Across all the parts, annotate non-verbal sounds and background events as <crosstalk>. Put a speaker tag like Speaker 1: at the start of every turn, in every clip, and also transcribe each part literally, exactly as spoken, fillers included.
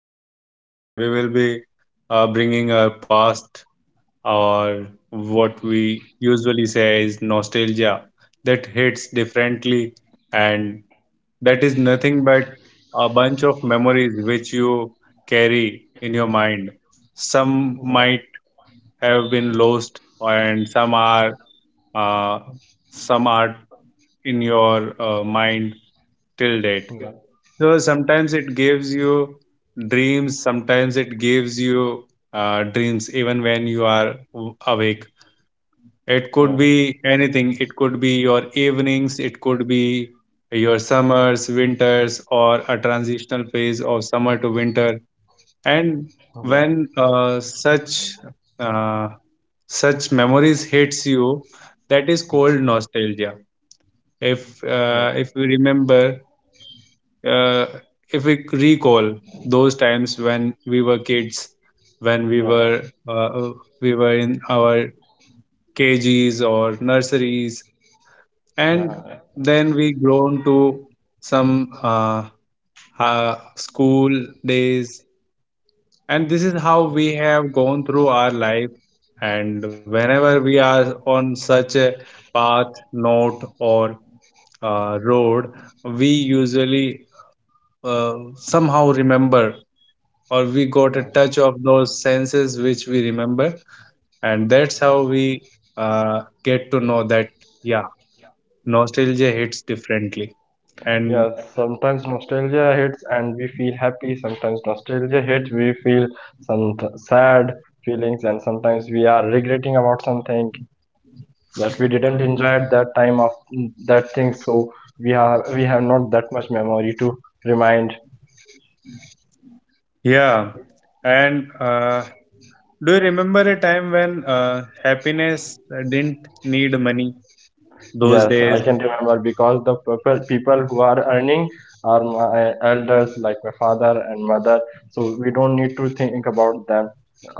Speaker 1: be discussing and we will be uh, bringing our past or what we usually say is nostalgia that hits differently. And that is nothing but a bunch of memories which you carry in your mind. Some might have been lost, and some are, uh, some are in your uh, mind till
Speaker 2: Yeah.
Speaker 1: date.
Speaker 2: Yeah.
Speaker 1: So sometimes it gives you dreams, sometimes it gives you uh, dreams even when you are w- awake. It could
Speaker 2: Yeah.
Speaker 1: be anything. It could be your evenings, it could be your summers, winters, or a transitional phase of summer to winter. And
Speaker 2: Yeah.
Speaker 1: when uh, such uh, such memories hits you, that is
Speaker 2: Yeah.
Speaker 1: called nostalgia. If uh, if you remember, uh, if we recall those times when we were kids, when we were uh, we were in our K Gs or nurseries, and
Speaker 2: Yeah.
Speaker 1: then we grown to some uh, uh, school days, and this is how we have gone through our life. And whenever we are on such a path, note, or uh, road, we usually uh, somehow remember, or we got a
Speaker 2: Yeah.
Speaker 1: touch of those senses which we remember, and that's how we uh, get to know that, yeah, nostalgia hits differently. And,
Speaker 2: Yeah, sometimes nostalgia hits and we feel happy, sometimes nostalgia hits, we feel some th- sad feelings, and sometimes we are regretting about something that we didn't enjoy at that time of mm, that thing, so we have we have not that much memory to remind.
Speaker 1: yeah. And uh, do you remember a time when uh, happiness uh, didn't need money those
Speaker 2: Yes,
Speaker 1: days?
Speaker 2: I can remember because the people people who are earning are my elders, like my father and mother. So we don't need to think about them,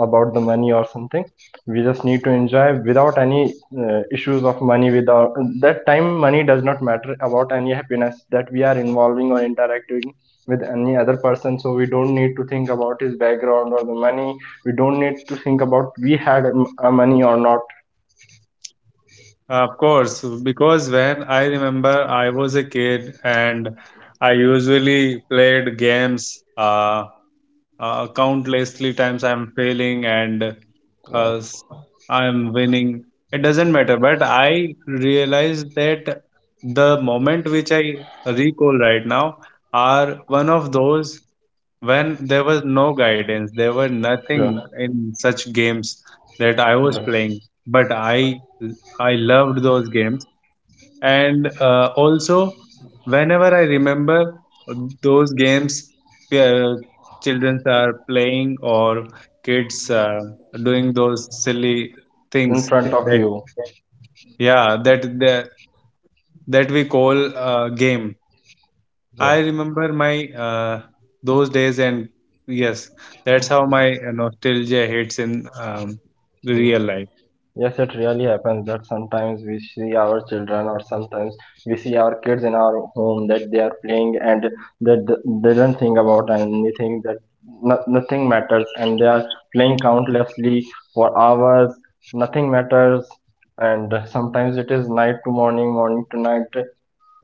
Speaker 2: about the money or something. We just need to enjoy without any uh, issues of money. Without that time, money does not matter about any happiness that we are involving or interacting with any other person. So we don't need to think about his background or the money. We don't need to think about we had um, uh, money or not.
Speaker 1: Of course, because when I remember, I was a kid and I usually played games. uh, uh, Countlessly times I'm failing and uh,
Speaker 2: Yes.
Speaker 1: s- I'm winning, it doesn't matter, but I realize that the moment which I recall right now are one of those when there was no guidance, there were nothing
Speaker 2: Sure.
Speaker 1: in such games that I was playing,
Speaker 2: Yes.
Speaker 1: but i i loved those games. And uh, also whenever I remember those games where children are playing or kids are doing those silly
Speaker 2: In
Speaker 1: things,
Speaker 2: front of
Speaker 1: that
Speaker 2: you.
Speaker 1: yeah that that, that we call uh, game. I
Speaker 2: Yeah.
Speaker 1: remember my uh, those days, and yes, that's how my uh, nostalgia hits in um, the
Speaker 2: Yeah.
Speaker 1: real life.
Speaker 2: Yes, it really happens that sometimes we see our children or sometimes we see our kids in our home that they are playing and that th- they don't think about anything that no- nothing matters and they are playing countlessly for hours. Nothing matters, and sometimes it is night to morning, morning to night.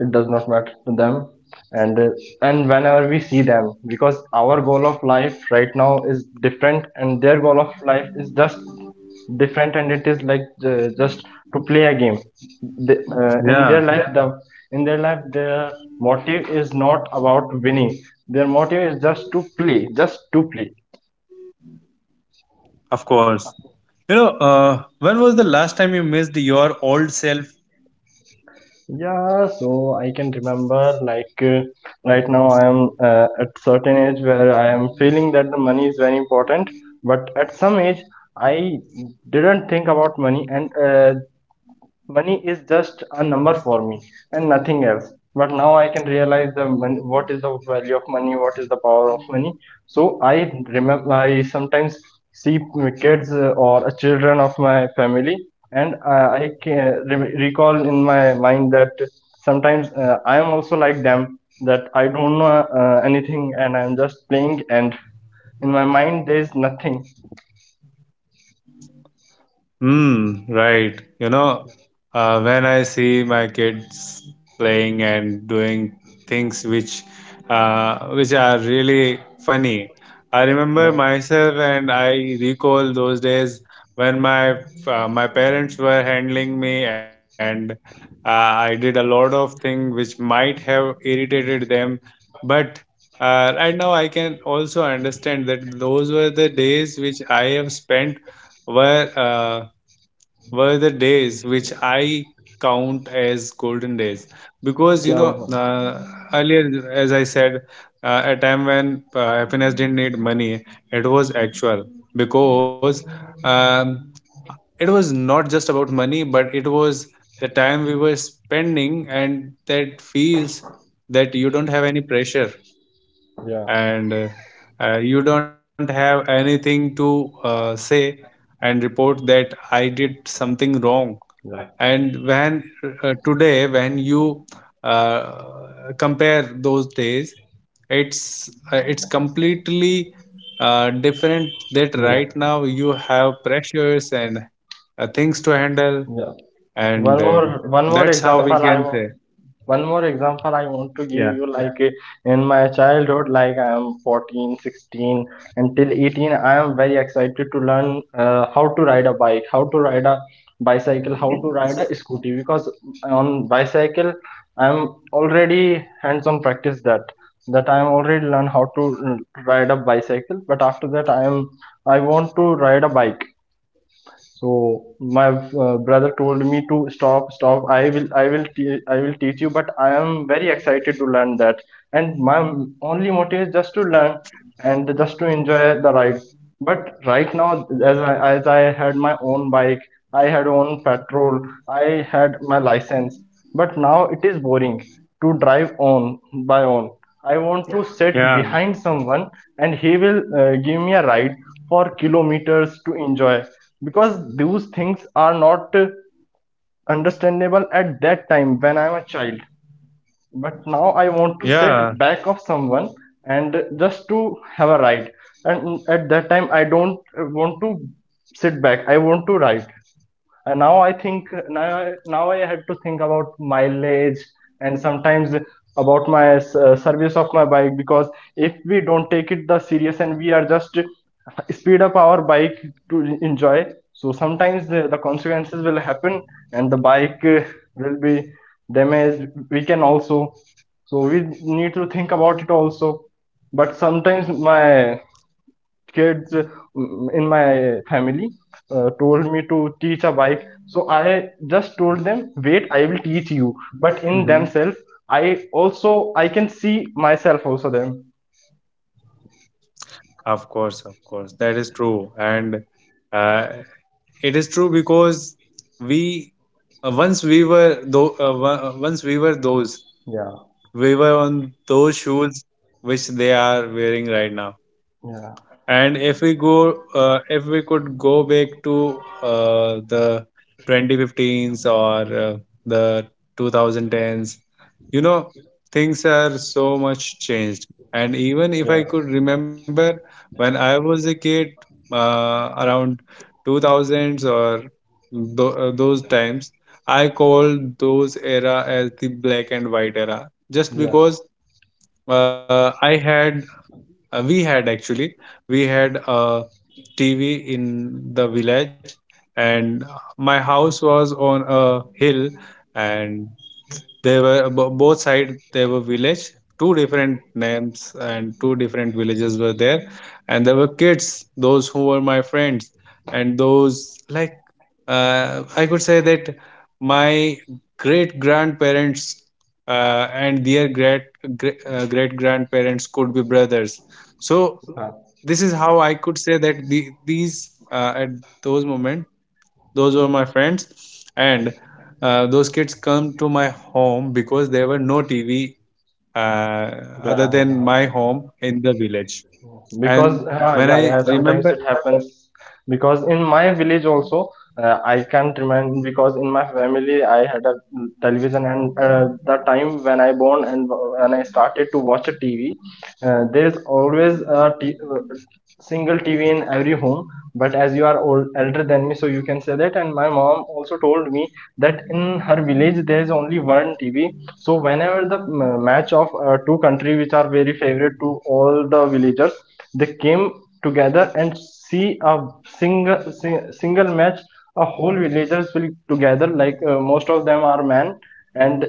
Speaker 2: It does not matter to them, and uh, and whenever we see them because our goal of life right now is different and their goal of life is just different, and it is like uh, just to play a game the, uh, in their
Speaker 1: Yeah.
Speaker 2: life, the in their life their motive is not about winning, their motive is just to play, just to play.
Speaker 1: Of course. You know, uh, when was the last time you missed your old self?
Speaker 2: Yeah, so I can remember, like uh, right now I am uh, at certain age where I am feeling that the money is very important, but at some age I didn't think about money, and uh, money is just a number for me and nothing else. But now I can realize the mon- what is the value of money, what is the power of money. So I remember I sometimes see kids uh, or children of my family, and uh, I can re- recall in my mind that sometimes uh, I am also like them, that I don't know uh, anything and I'm just playing, and in my mind there is nothing.
Speaker 1: Mm, right. You know, uh, when I see my kids playing and doing things which uh, which are really funny, I remember
Speaker 2: Yeah
Speaker 1: myself and I recall those days when my uh, my parents were handling me, and uh, I did a lot of things which might have irritated them, but uh, right now I can also understand that those were the days which I have spent were. Uh, were the days which I count as golden days, because you know,
Speaker 2: yeah.
Speaker 1: uh, earlier, as I said, uh, a time when uh, happiness didn't need money, it was actual, because um, it was not just about money, but it was the time we were spending, and that feels that you don't have any pressure
Speaker 2: Yeah.
Speaker 1: and uh, uh, you don't have anything to uh, say and report that I did something wrong.
Speaker 2: Yeah.
Speaker 1: And when uh, today, when you uh, compare those days, it's uh, it's completely uh, different. That
Speaker 2: Yeah,
Speaker 1: right now you have pressures and uh, things to handle,
Speaker 2: yeah. One
Speaker 1: and uh,
Speaker 2: more, one more
Speaker 1: that's how we
Speaker 2: example I
Speaker 1: can
Speaker 2: want.
Speaker 1: say.
Speaker 2: One more example I want to give
Speaker 1: Yeah,
Speaker 2: you, like uh, in my childhood, like I am fourteen, sixteen, until eighteen, I am very excited to learn uh, how to ride a bike, how to ride a bicycle, how to ride a scooty. Because on bicycle, I'm already hands-on practice that that I'm already learn how to mm, ride a bicycle. But after that, I am I want to ride a bike, so my uh, brother told me to stop, stop. I will, I will, te- I will teach you. But I am very excited to learn that, and my m- only motive is just to learn and just to enjoy the ride. But right now, as I, as I had my own bike, I had own petrol, I had my license, but now it is boring to drive on by on. I want, yeah, to
Speaker 1: yeah,
Speaker 2: sit behind someone, and he will uh, give me a ride for kilometers to enjoy, because those things are not uh, understandable at that time when I am a child. But now I want to sit
Speaker 1: yeah.
Speaker 2: back of someone and just to have a ride. And at that time, I don't uh, want to sit back. I want to ride. And now I think, now now I had to think about mileage and sometimes about my uh, service of my bike, because if we don't take it the serious and we are just speed up our bike to enjoy, so sometimes the, the consequences will happen and the bike uh, will be damaged we can also, so we need to think about it also. But sometimes my kids uh, in my family uh, told me to teach a bike, so I just told them wait, I will teach you, but in
Speaker 1: Hmm.
Speaker 2: themselves I also I can see myself also them.
Speaker 1: Of course, of course, that is true, and uh, it is true because we uh, once we were though uh, wo- uh, once we were those,
Speaker 2: Yeah.
Speaker 1: we were on those shoes which they are wearing right now.
Speaker 2: Yeah.
Speaker 1: And if we go uh, if we could go back to uh, the twenty fifteens or uh, the twenty tens, you know, things are so much changed. And even
Speaker 2: Yeah.
Speaker 1: if I could remember, when I was a kid, uh, around two thousands or th- uh, those times, I called those era as the black and white era, just
Speaker 2: Yeah,
Speaker 1: because uh, I had, uh, we had actually, we had a T V in the village, and my house was on a hill, and they were b- both side. They were village. Two different names and two different villages were there, and there were kids those who were my friends, and those like uh, I could say that my great grandparents uh, and their great great grandparents could be brothers. So this is how I could say that the, these uh, at those moments, those were my friends, and uh, those kids come to my home because there were no TV uh, other
Speaker 2: yeah.
Speaker 1: than
Speaker 2: yeah.
Speaker 1: my home in the village.
Speaker 2: Because
Speaker 1: And
Speaker 2: uh,
Speaker 1: when
Speaker 2: yeah,
Speaker 1: I
Speaker 2: yeah, sometimes it
Speaker 1: remember,
Speaker 2: happens. Because in my village also, uh, I can't remember, because in my family I had a television, and uh, the time when I born and when I started to watch a TV, uh, there is always a t- single T V in every home. But as you are old, elder than me, so you can say that. And my mom also told me that in her village there is only one T V. So whenever the uh, match of uh, two country which are very favorite to all the villagers, they came together and see a single sing, single match. A whole villagers will together. Like uh, most of them are men, and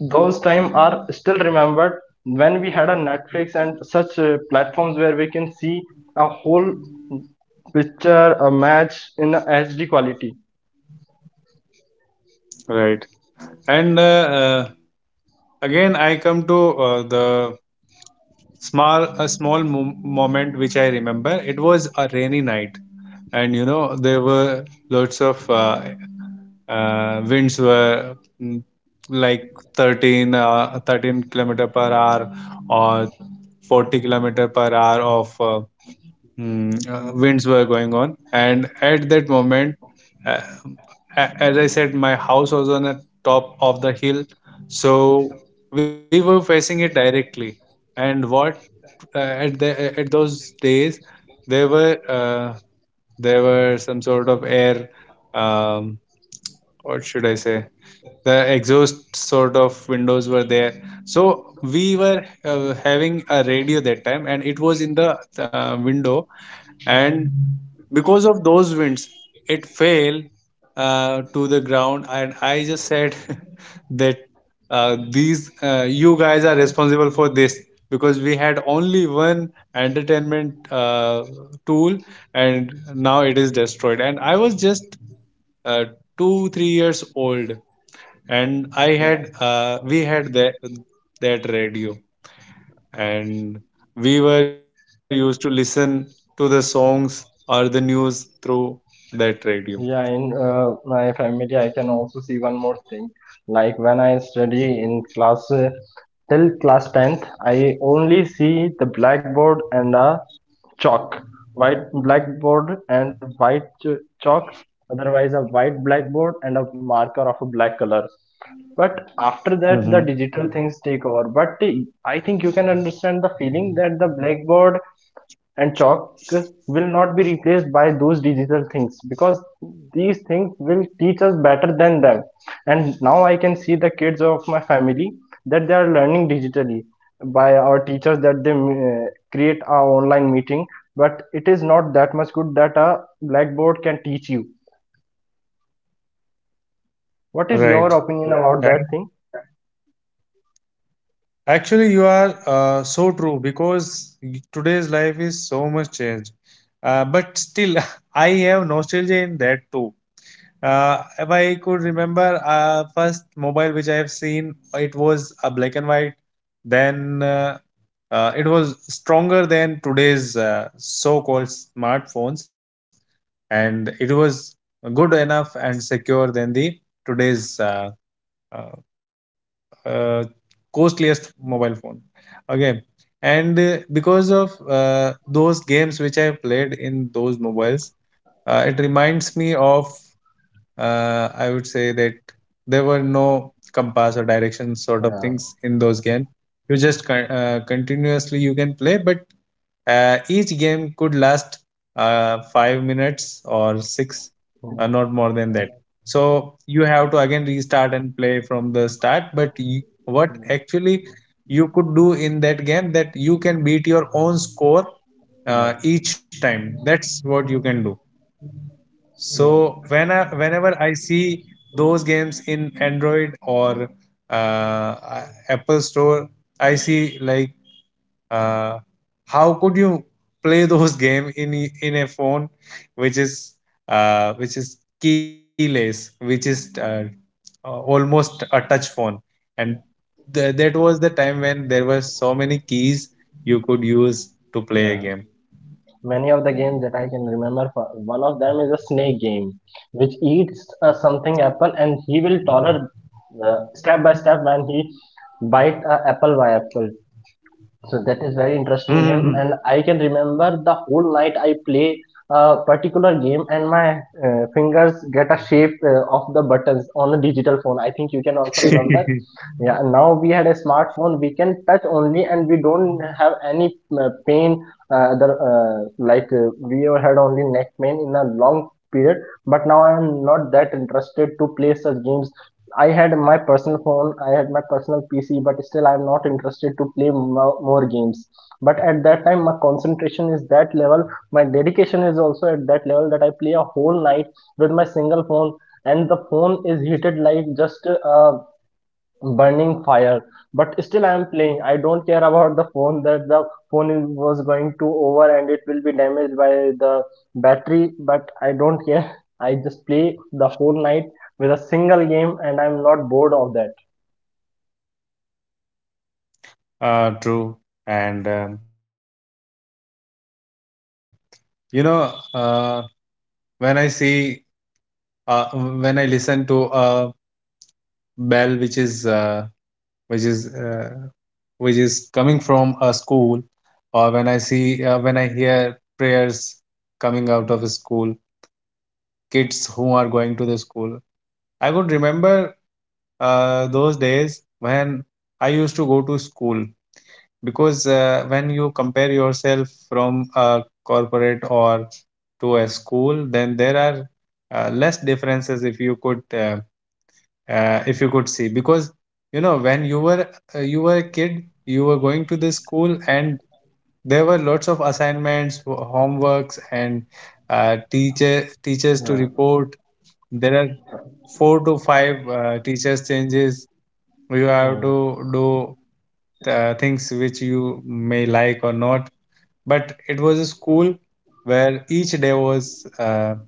Speaker 2: those time are still remembered when we had a Netflix and such uh, platforms where we can see a whole picture a match in a H D quality.
Speaker 1: right. And uh, uh, again, I come to uh, the small a small mom- moment which I remember. It was a rainy night, and you know, there were lots of uh, uh, winds were, mm, like, thirteen uh, thirteen kilometer per hour or forty kilometer per hour of uh, mm, uh, winds were going on. And at that moment, uh, a- as I said, my house was on the top of the hill, so we were facing it directly. And what, uh, at the at those days, there were uh, there were some sort of air, um, what should I say, the exhaust sort of windows were there, so we were uh, having a radio that time, and it was in the uh, window. And because of those winds, it fell uh, to the ground, and I just said <laughs> that uh, these uh, you guys are responsible for this, because we had only one entertainment uh, tool, and now it is destroyed. And I was just uh, 2 3 years old, and I
Speaker 2: So,
Speaker 1: had uh, we had that that radio, and we were used to listen to the songs or the news through that radio.
Speaker 2: yeah, in uh, my family I can also see one more thing, like when I study in class uh, till class tenth, I only see the blackboard and a chalk, white blackboard and white ch- chalk, otherwise a white blackboard and a marker of a black color. But after that, the
Speaker 1: Mm-hmm.
Speaker 2: digital things take over. But I think you can understand the feeling that the blackboard and chalk will not be replaced by those digital things because these things will teach us better than them. And now I can see the kids of my family that they are learning digitally by our teachers, that they uh, create our online meeting. But it is not that much good that a blackboard can teach you. What is
Speaker 1: Right.
Speaker 2: your opinion about
Speaker 1: And
Speaker 2: that thing?
Speaker 1: actually, you are uh, so true, because y- today's life is so much changed. Uh, but still, <laughs> I have nostalgia in that too. Uh, if I could remember, uh, first mobile which I have seen, it was a black and white. Then uh, Uh, it was stronger than today's uh, so-called smartphones, and it was good enough and secure than the today's uh, uh, uh, costliest mobile phone. Okay, and uh, because of uh, those games which I played in those mobiles, uh, it reminds me of, uh, I would say that there were no compass or direction sort of things in those games. You just con- uh, continuously you can play, but uh, each game could last uh, five minutes or six, uh, not more than that. So you have to again restart and play from the start. But you, what
Speaker 2: Yeah,
Speaker 1: actually you could do in that game, that you can beat your own score uh, each time. That's what you can do.
Speaker 2: yeah.
Speaker 1: So
Speaker 2: Yeah.
Speaker 1: when I, whenever I see those games in Android or uh, Apple Store, I see, like, uh, how could you play those <laughs> game in y- in a phone which is uh, which is keyless, which is uh, uh, almost a touch phone, and th- that was the time when there were so many keys you could use to play a
Speaker 2: Yeah.
Speaker 1: game.
Speaker 2: Many of the games that I can remember, for, one of them is a snake game, which eats uh, something apple and he will tolerate uh, step by step when he bite a apple by apple. So that is very interesting game. Hmm?
Speaker 1: Mhm.
Speaker 2: And I can remember the whole night I play a particular game, and my uh, fingers get a shape uh, of the buttons on a digital phone. I think you can also <laughs> remember.
Speaker 1: <laughs>
Speaker 2: Yeah, now we had a smartphone. We can touch only, and we don't have any uh, pain. Uh, the uh, like uh, We had only neck pain in a long period. But now I am not that interested to play such games. I had my personal phone, I had my personal P C, but still I'm not interested to play mo- more games. But at that time, my concentration is that level, my dedication is also at that level, that I play a whole night with my single phone, and the phone is heated like just uh, burning fire, but still I am playing, I don't care about the phone that the phone is, was going to over and it will be damaged by the battery, but I don't care, I just play the whole night with a single game and I'm not bored of that.
Speaker 1: Uh, true. And um, you know, uh, when I see, uh, when i listen to a bell which is uh, which is uh, which is coming from a school, or when I see, uh, when i hear prayers coming out of a school, kids who are going to the school, I would remember uh, those days when I used to go to school. Because uh, when you compare yourself from a corporate or to a school, then there are uh, less differences, if you could uh, uh, if you could see, because you know, when you were uh, you were a kid, you were going to the school, and there were lots of assignments, ho- homeworks, and uh, teacher teachers to
Speaker 2: Yeah,
Speaker 1: report. There are four to five uh, teachers changes you
Speaker 2: yeah.
Speaker 1: have to do, uh, things which you may like or not, but it was a school where each day was uh,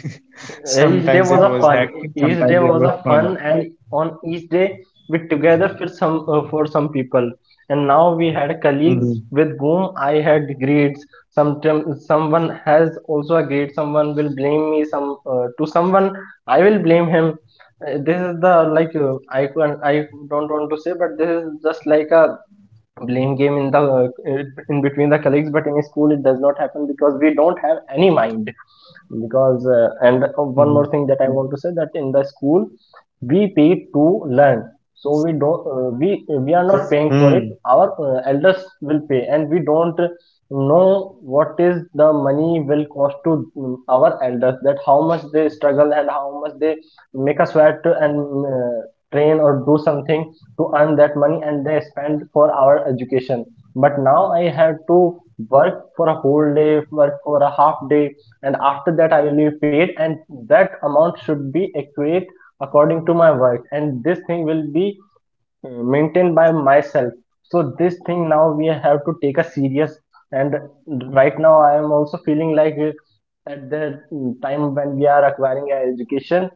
Speaker 1: <laughs>
Speaker 2: Each day
Speaker 1: sometimes
Speaker 2: was
Speaker 1: it
Speaker 2: a
Speaker 1: was
Speaker 2: fun,
Speaker 1: hectic,
Speaker 2: each day
Speaker 1: sometimes it
Speaker 2: was a
Speaker 1: was
Speaker 2: fun,
Speaker 1: fun.
Speaker 2: and on each day we together for some uh, for some people, and now we had colleagues
Speaker 1: Mhm.
Speaker 2: with whom I had grades. Sometime someone has also a grade, someone will blame me, some uh, to someone I will blame him. Uh, this is the like uh, I can I don't want to say, but this is just like a blame game in the uh, in between the colleagues. But in school it does not happen because we don't have any mind. Because uh, and one more thing that I want to say, that in the school we pay to learn, so we don't uh, we we are not paying
Speaker 1: Mhm.
Speaker 2: for it, our uh, elders will pay, and we don't know what is the money will cost to mm, our elders, that how much they struggle and how much they make a sweat and uh, train or do something to earn that money, and they spend for our education. But now I have to work for a whole day, work for a half day, and after that I will be paid, and that amount should be accurate according to my work. And this thing will be uh, maintained by myself. So this thing now we have to take a serious. And right now I am also feeling like uh, at the mm, time when we are acquiring our education,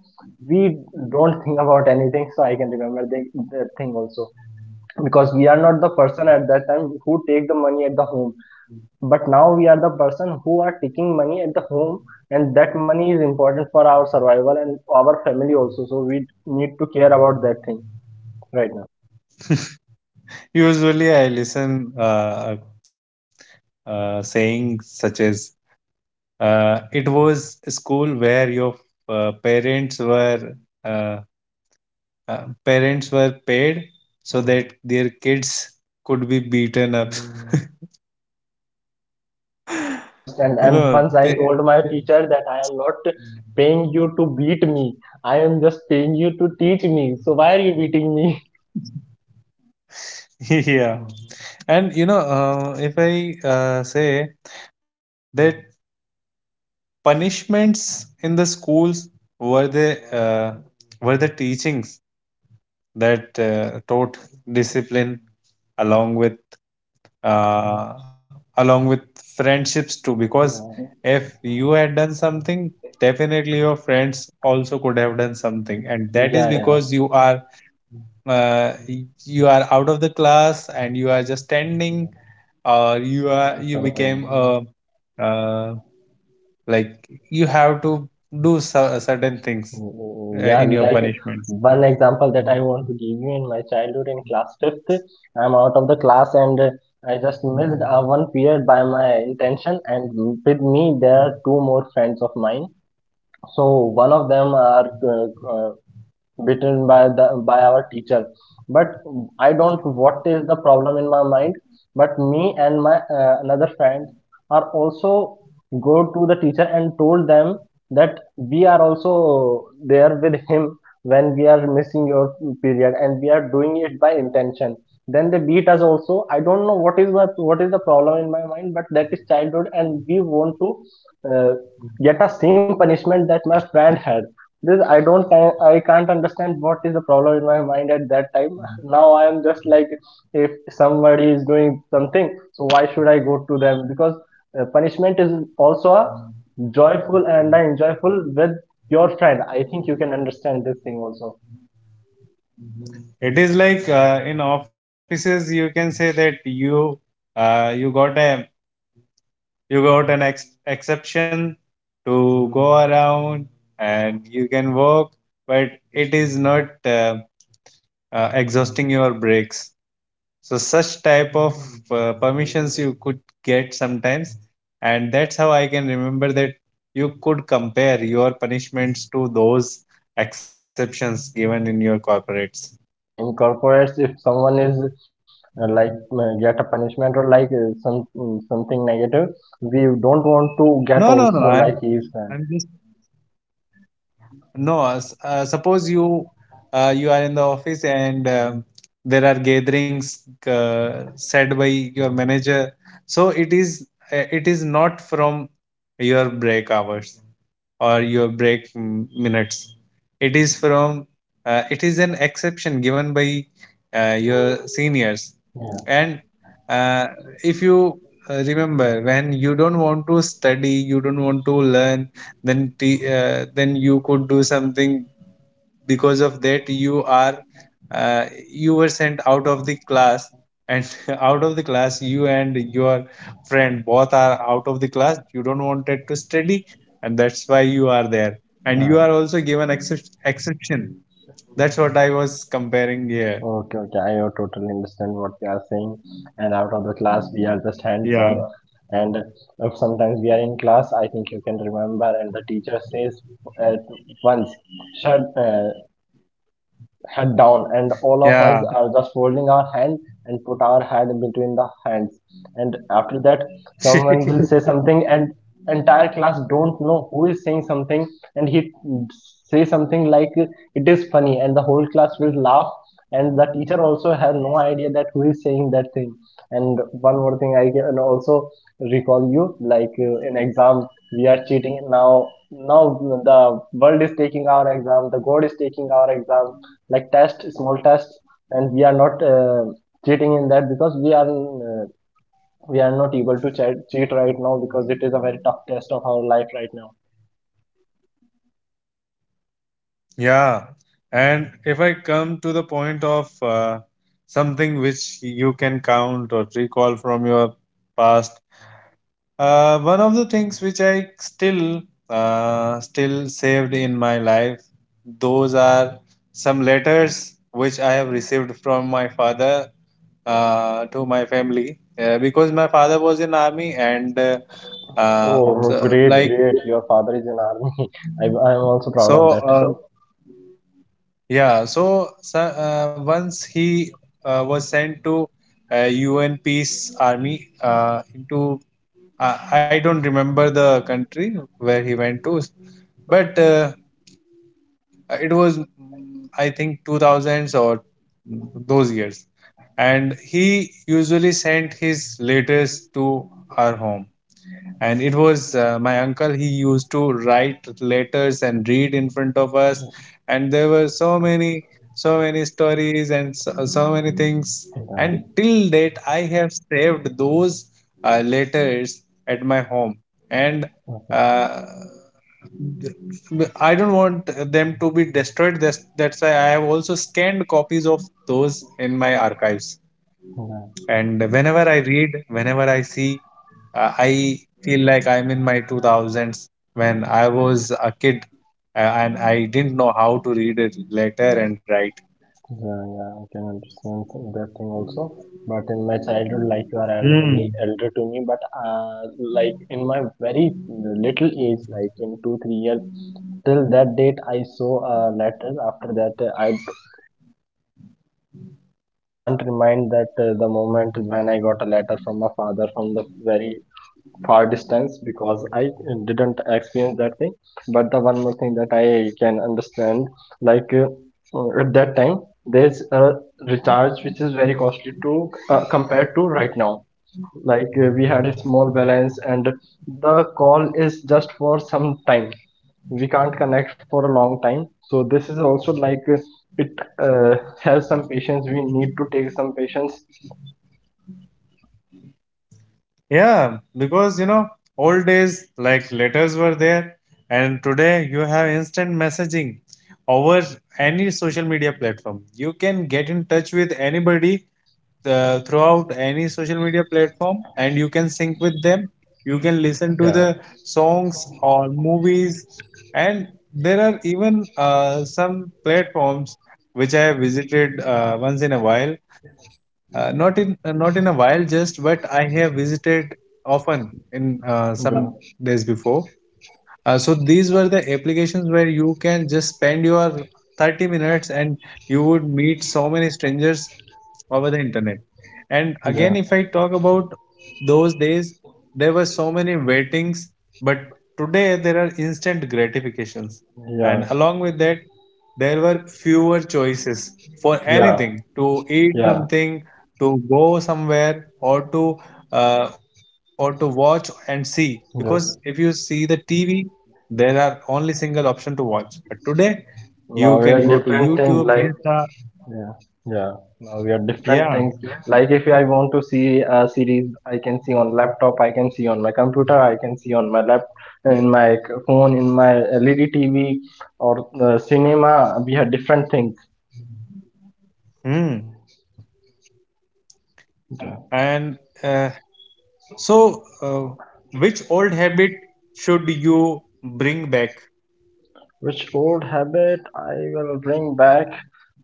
Speaker 2: we don't think about anything. So I can remember the, the thing also because we are not the person at that time who take the money at the home, but now we are the person who are taking money at the home, and that money is important for our survival and our family also, so we need to care about that thing right now.
Speaker 1: Usually, I listen uh, uh, saying such as, uh, "It was a school where your uh, parents were uh, uh, parents were paid so that their kids could be beaten up."
Speaker 2: Yeah, I can
Speaker 1: <laughs>
Speaker 2: understand.
Speaker 1: You
Speaker 2: And
Speaker 1: know,
Speaker 2: once I
Speaker 1: they,
Speaker 2: told my teacher that I am not paying you to beat me, I am just paying you to teach me, so why are you beating me?
Speaker 1: <laughs> yeah, and you know, uh, if I uh, say that punishments in the schools were the uh, were the teachings that uh, taught discipline, along with uh, along with friendships too. Because
Speaker 2: <laughs> Yeah,
Speaker 1: if you had done something, definitely your friends also could have done something, and that is
Speaker 2: yeah,
Speaker 1: because
Speaker 2: yeah,
Speaker 1: you are uh, y- you are out of the class and you are just
Speaker 2: yeah.
Speaker 1: standing, or you are, you became
Speaker 2: Sometimes.
Speaker 1: a, uh, like, you have to do cer- certain things
Speaker 2: Mm,
Speaker 1: uh,
Speaker 2: mm. Yeah,
Speaker 1: in
Speaker 2: <laughs>
Speaker 1: your
Speaker 2: like Like,
Speaker 1: punishments.
Speaker 2: one example that I want to give you in my childhood in class fifth, I'm out of the class, and uh, I just missed uh, one period by my intention. And with me, there are two more friends of mine. So one of them are uh, uh, beaten by the by our teacher. But I don't what is the problem in my mind, but me and my uh, another friend are also go to the teacher and told them that we are also there with him when we are missing your period, and we are doing it by intention. Then they beat us also. I don't know what is my what is the problem in my mind, but that is childhood and we want to uh, get the same punishment that my friend had. This i don't I, can't understand what is the problem in my mind at that time. Now I am just like, if somebody is doing something, so why should I go to them? Because uh, punishment is also a joyful and a enjoyful with your friend. I think you can understand this thing also.
Speaker 1: It is like, uh, in offices you can say that you uh, you got a, you got an ex- exception to go around, and you can work, but it is not uh, uh, exhausting your breaks. So such type of uh, permissions you could get sometimes, and that's how I can remember that you could compare your punishments to those exceptions given in your corporates.
Speaker 2: Yeah, yeah, in corporates if someone is uh, like uh, get a punishment or like uh, some mm, something negative, we don't want to get
Speaker 1: No, no, no.
Speaker 2: also
Speaker 1: I'm
Speaker 2: like his friend.
Speaker 1: I'm just. No, s- uh, suppose you uh, you are in the office, and um, there are gatherings uh, said by your manager. So it is uh, it is not from your break hours or your break m- minutes. It is from uh, it is an exception given by uh, your seniors.
Speaker 2: Yeah.
Speaker 1: And uh, if you uh, remember when you don't want to study, you don't want to learn, then t- uh, then you could do something because of that you are uh, you were sent out of the class and <laughs> out of the class you and your friend both are out of the class, you don't wanted to study, and that's why you are there, and
Speaker 2: Yeah.
Speaker 1: you are also given excep exception. That's what I was comparing here.
Speaker 2: Okay, okay, I uh, totally understand what you are saying. And out of the class, we are just hands
Speaker 1: Yeah,
Speaker 2: up. Yeah. And if sometimes we are in class, I think you can remember, and the teacher says at once, shut, uh, head down, and all of us
Speaker 1: yeah.
Speaker 2: are just folding our hand and put our head between the hands. And after that, someone will
Speaker 1: <laughs>
Speaker 2: say <laughs> something, and entire class don't know who is saying something. And he say something like it is funny, and the whole class will laugh. And the teacher also have no idea that who is saying that thing. And one more thing I can also recall you, like uh, in exam we are cheating. Now now the world is taking our exam, the god is taking our exam, like test, small tests, and we are not uh, cheating in that because we are uh, we are not able to cheat, cheat right now because it is a very tough test of our life right now.
Speaker 1: Yeah, and if I come to the point of uh, something which you can count or recall from your past. Uh, one of the things which I still uh, still saved in my life, those are some letters which I have received from my father uh, to my family, uh, because my father was in army, and uh, uh,
Speaker 2: Oh,
Speaker 1: so,
Speaker 2: great,
Speaker 1: like,
Speaker 2: great! Your father is in army. <laughs> I, I am also proud
Speaker 1: so
Speaker 2: of that.
Speaker 1: uh,
Speaker 2: So,
Speaker 1: yeah, so, so uh, once he uh, was sent to uh, U N peace army uh, into, I, I don't remember the country where he went to, but uh, it was, mm, I think, two thousands or those years. And he usually sent his letters to our home, and it was uh, my uncle, he used to write letters and read in front of us, and there were so many so many stories and so, so many things.
Speaker 2: yeah.
Speaker 1: And till date I have saved those uh, letters at my home. And
Speaker 2: Okay.
Speaker 1: uh, I don't want them to be destroyed. That's that's why I have also scanned copies of those in my archives.
Speaker 2: Yeah.
Speaker 1: And whenever I read, whenever I see, uh, I feel like I'm in my two thousands when I was a kid, uh, and I didn't know how to read a letter and write.
Speaker 2: Yeah, yeah, I can understand that thing also. But in my childhood, like you are elder me,
Speaker 1: Hmm.
Speaker 2: elder to me. But uh, like in my very little age, like in two three years, till that date I saw a letter. After that, uh, I I can't remind that uh, the moment when I got a letter from my father from the very far distance because I uh, didn't experience that thing. But the one more thing that I can understand, like uh, uh, at that time, there's a recharge which is very costly to uh, compared to right now. Like uh, we had a small balance, and the call is just for some time. We can't connect for a long time. So this is also like uh, it uh, has some patience. We need to take some patience.
Speaker 1: Yeah, because you know, old days like letters were there, and today you have instant messaging over any social media platform. You can get in touch with anybody uh, throughout any social media platform, and you can sync with them, you can listen to
Speaker 2: Yeah.
Speaker 1: the songs or movies. And there are even uh, some platforms which I have visited uh, once in a while, uh, not in uh, not in a while just, but I have visited often in uh, some
Speaker 2: Yeah.
Speaker 1: days before. Uh, so these were the applications where you can just spend your thirty minutes and you would meet so many strangers over the internet. And again,
Speaker 2: Yeah.
Speaker 1: if I talk about those days, there were so many waitings, but today there are instant gratifications.
Speaker 2: Yeah.
Speaker 1: And along with that, there were fewer choices for
Speaker 2: Yeah.
Speaker 1: anything, to eat
Speaker 2: Yeah.
Speaker 1: something, to go somewhere, or to uh, or to watch and see. Because if you
Speaker 2: Yeah.
Speaker 1: see the T V, there are only single option to watch, but today you
Speaker 2: Now
Speaker 1: can
Speaker 2: we
Speaker 1: go
Speaker 2: are
Speaker 1: to
Speaker 2: These different
Speaker 1: YouTube,
Speaker 2: things, like
Speaker 1: Insta.
Speaker 2: yeah, yeah. Now we are different
Speaker 1: Yeah.
Speaker 2: things, like if I want to see a series, I can see on laptop, I can see on my computer, I can see on my lap, in my c- phone, in my L E D T V, or uh, cinema. We have different things.
Speaker 1: Hmm. And uh, so uh, which old habit should you bring back?
Speaker 2: Which old habit I will bring back?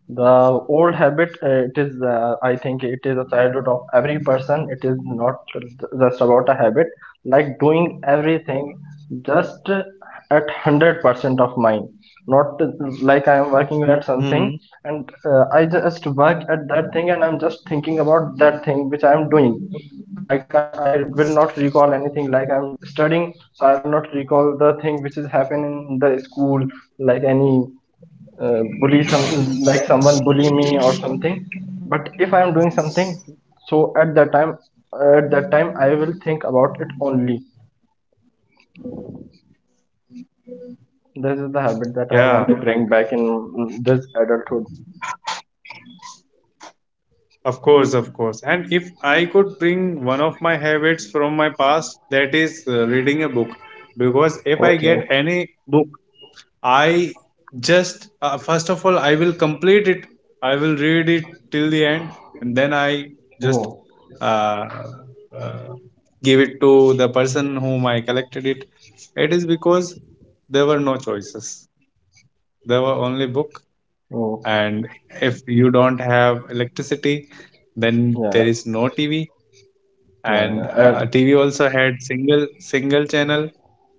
Speaker 2: The old habit, uh, it is, uh, I think it is a childhood of every person. It is not just about a habit, like doing everything just at one hundred percent of mine. Not like I am working at
Speaker 1: Hmm.
Speaker 2: something, and uh, I just work at that thing, and I'm just thinking about that thing which I am doing. I can I will not recall anything, like I'm studying, so I will not recall the thing which is happening in the school, like any uh, bully, some like someone bully me or something. But if I am doing something, so at that time, at that time I will think about it only. This is the habit that I
Speaker 1: Yeah,
Speaker 2: want to bring back in this adulthood.
Speaker 1: of course, of course. And if I could bring one of my habits from my past, that is uh, reading a book. Because if I
Speaker 2: Okay.
Speaker 1: get any book, I just uh, first of all I will complete it. I will read it till the end, and then I just
Speaker 2: Oh.
Speaker 1: uh, uh, give it to the person whom I collected it. It is because there were no choices. There were only book,
Speaker 2: Oh.
Speaker 1: and if you don't have electricity, then there
Speaker 2: Yeah.
Speaker 1: is no T V.
Speaker 2: Yeah.
Speaker 1: And
Speaker 2: Yeah.
Speaker 1: uh,
Speaker 2: And,
Speaker 1: T V also had single single channel,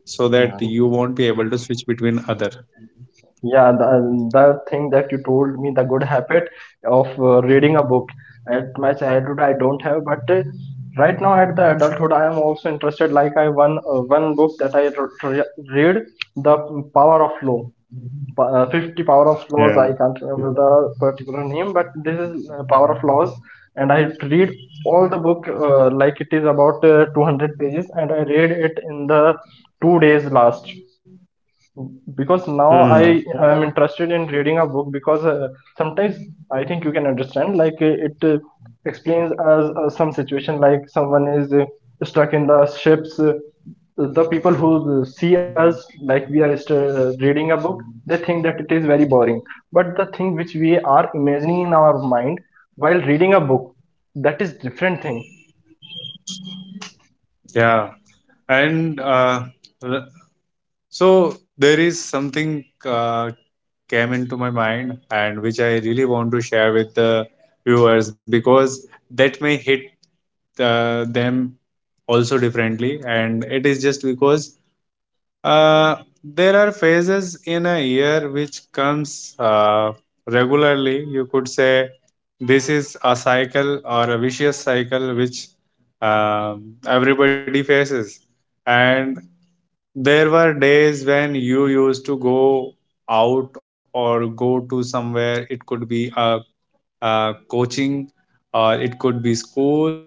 Speaker 1: so
Speaker 2: yeah.
Speaker 1: that you won't be able to switch between other.
Speaker 2: Yeah, the, the thing that you told me, the good habit of uh, reading a book. At my childhood, I don't have, but uh, right now at the adulthood, I am also interested. Like I one uh, one book that I r- re read, The Power of Law, Pa- uh, fifty Power of Laws. I
Speaker 1: Yeah.
Speaker 2: can't remember the particular name, but this is uh, Power of Laws, and I read all the book uh, like it is about uh, two hundred pages, and I read it in the two days last because now
Speaker 1: Hmm.
Speaker 2: I am interested in reading a book because uh, sometimes I think you can understand, like uh, it uh, explains us uh, some situation like someone is uh, stuck in the ships, uh, the people who uh, see us like we are st- uh, reading a book, they think that it is very boring. But the thing which we are imagining in our mind while reading a book, that is different thing.
Speaker 1: Yeah, and uh, r- so there is something uh, came into my mind, and which I really want to share with the viewers because that may hit uh, them also differently. And it is just because uh, there are phases in a year which comes uh, regularly. You could say this is a cycle or a vicious cycle which um, everybody faces. And there were days when you used to go out or go to somewhere. It could be a, a coaching, or it could be school,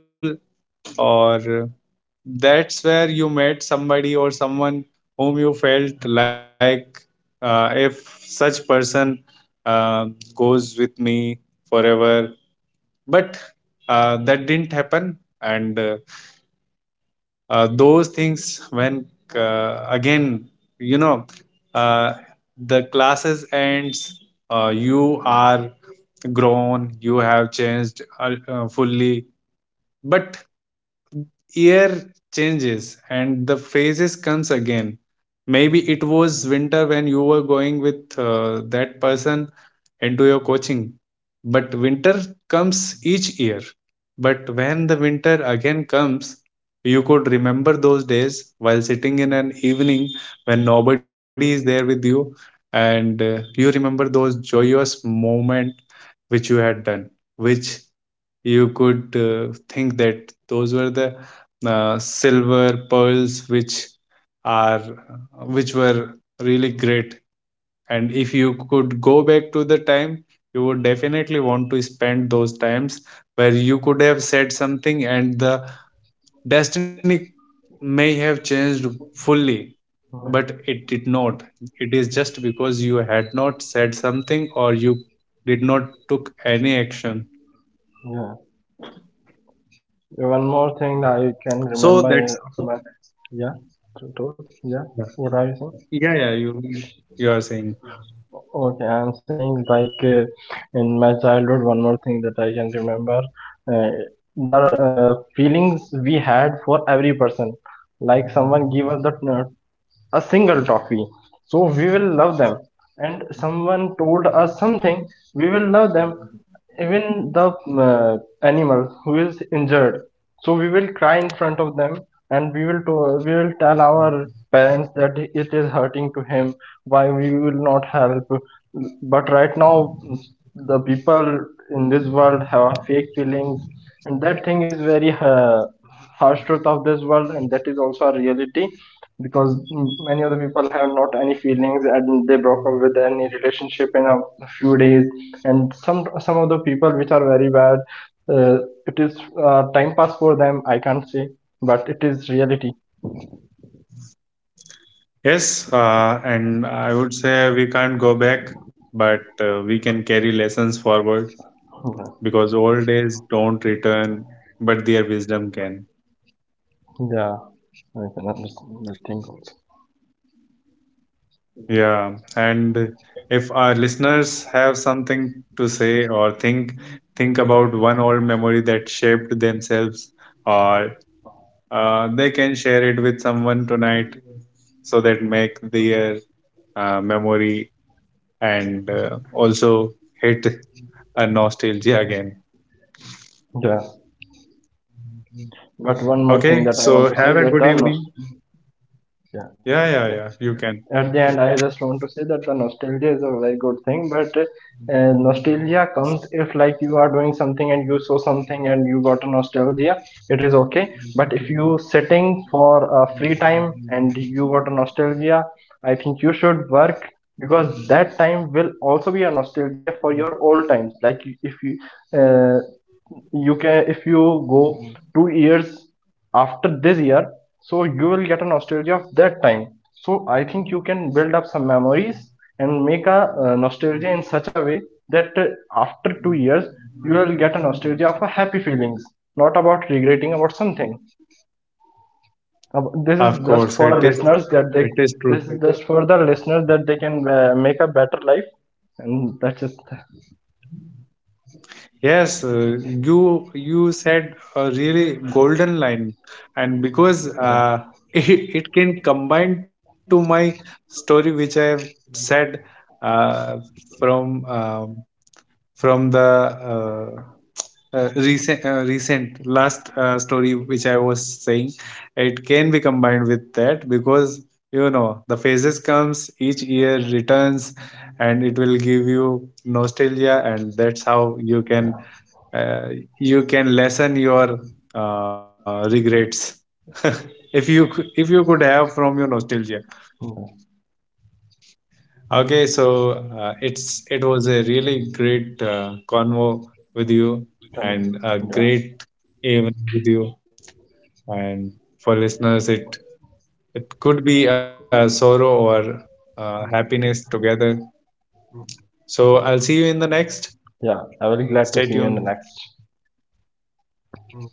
Speaker 1: or that's where you met somebody or someone whom you felt like, uh, if such person uh, goes with me forever. But uh, that didn't happen, and uh, uh, those things when uh, again, you know, uh, the classes ends, uh, you are grown, you have changed uh, uh, fully, but year changes and the phases comes again. Maybe it was winter when you were going with uh, that person into your coaching, but winter comes each year. But when the winter again comes, you could remember those days while sitting in an evening when nobody is there with you, and uh, you remember those joyous moment which you had done, which you could uh, think that those were the uh, silver pearls which are which were really great. And if you could go back to the time, you would definitely want to spend those times where you could have said something and the destiny may have changed fully, but it did not. It is just because you had not said something or you did not took any action.
Speaker 2: Yeah. One more thing that I can
Speaker 1: So that's,
Speaker 2: remember is my. Yeah, to- to- yeah.
Speaker 1: yeah.
Speaker 2: What are you saying?
Speaker 1: Yeah, yeah, you you are saying.
Speaker 2: Okay, I'm saying like uh, in my childhood, one more thing that I can remember, uh, the uh, feelings we had for every person. Like someone give us the uh, a single toffee, so we will love them. And someone told us something, we will love them. Even the uh, animal who is injured, so we will cry in front of them, and we will we will tell our parents that it is hurting to him, why we will not help. But right now the people in this world have fake feelings, and that thing is very uh, harsh truth of this world, and that is also a reality because mm, many of the people have not any feelings, and they broke up with any relationship in a few days. And some some of the people which are very bad, uh, it is uh, time pass for them, I can't say, but it is reality.
Speaker 1: Yes, uh, and I would say we can't go back, but uh, we can carry lessons forward,
Speaker 2: Yeah.
Speaker 1: because old days don't return, but their wisdom can.
Speaker 2: Yeah, I can understand the thing also.
Speaker 1: Yeah, and if our listeners have something to say or think think about one old memory that shaped themselves, or uh, they can share it with someone tonight, so that make their uh, memory and uh, also hit a nostalgia again.
Speaker 2: Yeah. But one more thing
Speaker 1: Okay,
Speaker 2: that I want
Speaker 1: so
Speaker 2: to say,
Speaker 1: have a
Speaker 2: that
Speaker 1: good
Speaker 2: the nos-
Speaker 1: evening.
Speaker 2: yeah.
Speaker 1: Yeah, yeah,
Speaker 2: Okay.
Speaker 1: yeah, you can.
Speaker 2: At the end, I just want to say that the nostalgia is a very good thing, but uh, nostalgia comes if like you are doing something and you saw something and you got a nostalgia, it is okay. But if you sitting for a free time and you got a nostalgia, I think you should work because that time will also be a nostalgia for your old times. Like if you uh, you can if you go two years after this year, so you will get a nostalgia of that time. So I think you can build up some memories and make a uh, nostalgia in such a way that uh, after two years you will get a nostalgia of a happy feelings, not about regretting about something. Ab- this
Speaker 1: Of
Speaker 2: is just
Speaker 1: course,
Speaker 2: for
Speaker 1: it
Speaker 2: the
Speaker 1: is,
Speaker 2: listeners that
Speaker 1: it
Speaker 2: they
Speaker 1: is truth.
Speaker 2: this is just for the listeners that they can uh, make a better life, and that's just
Speaker 1: Yes, uh, you you said a really golden line, and because
Speaker 2: yeah,
Speaker 1: uh, <laughs> it, it can combine to my story which I have said uh, from um from the uh, uh, recent uh, recent last uh, story which I was saying. It can be combined with that because you know the phases comes each year, returns, and it will give you nostalgia, and that's how you can
Speaker 2: yeah,
Speaker 1: uh, you can lessen your uh, regrets <laughs> if you cou- if you could have from your nostalgia. Okay, so uh, it's it was a really great uh, convo with you, and a
Speaker 2: yeah.
Speaker 1: great evening with you. And for listeners, it it could be a sorrow or uh happiness together. So I'll see you in the next.
Speaker 2: Yeah, I will
Speaker 1: Stay
Speaker 2: be
Speaker 1: tuned.
Speaker 2: glad to see you in the next.
Speaker 1: Bye.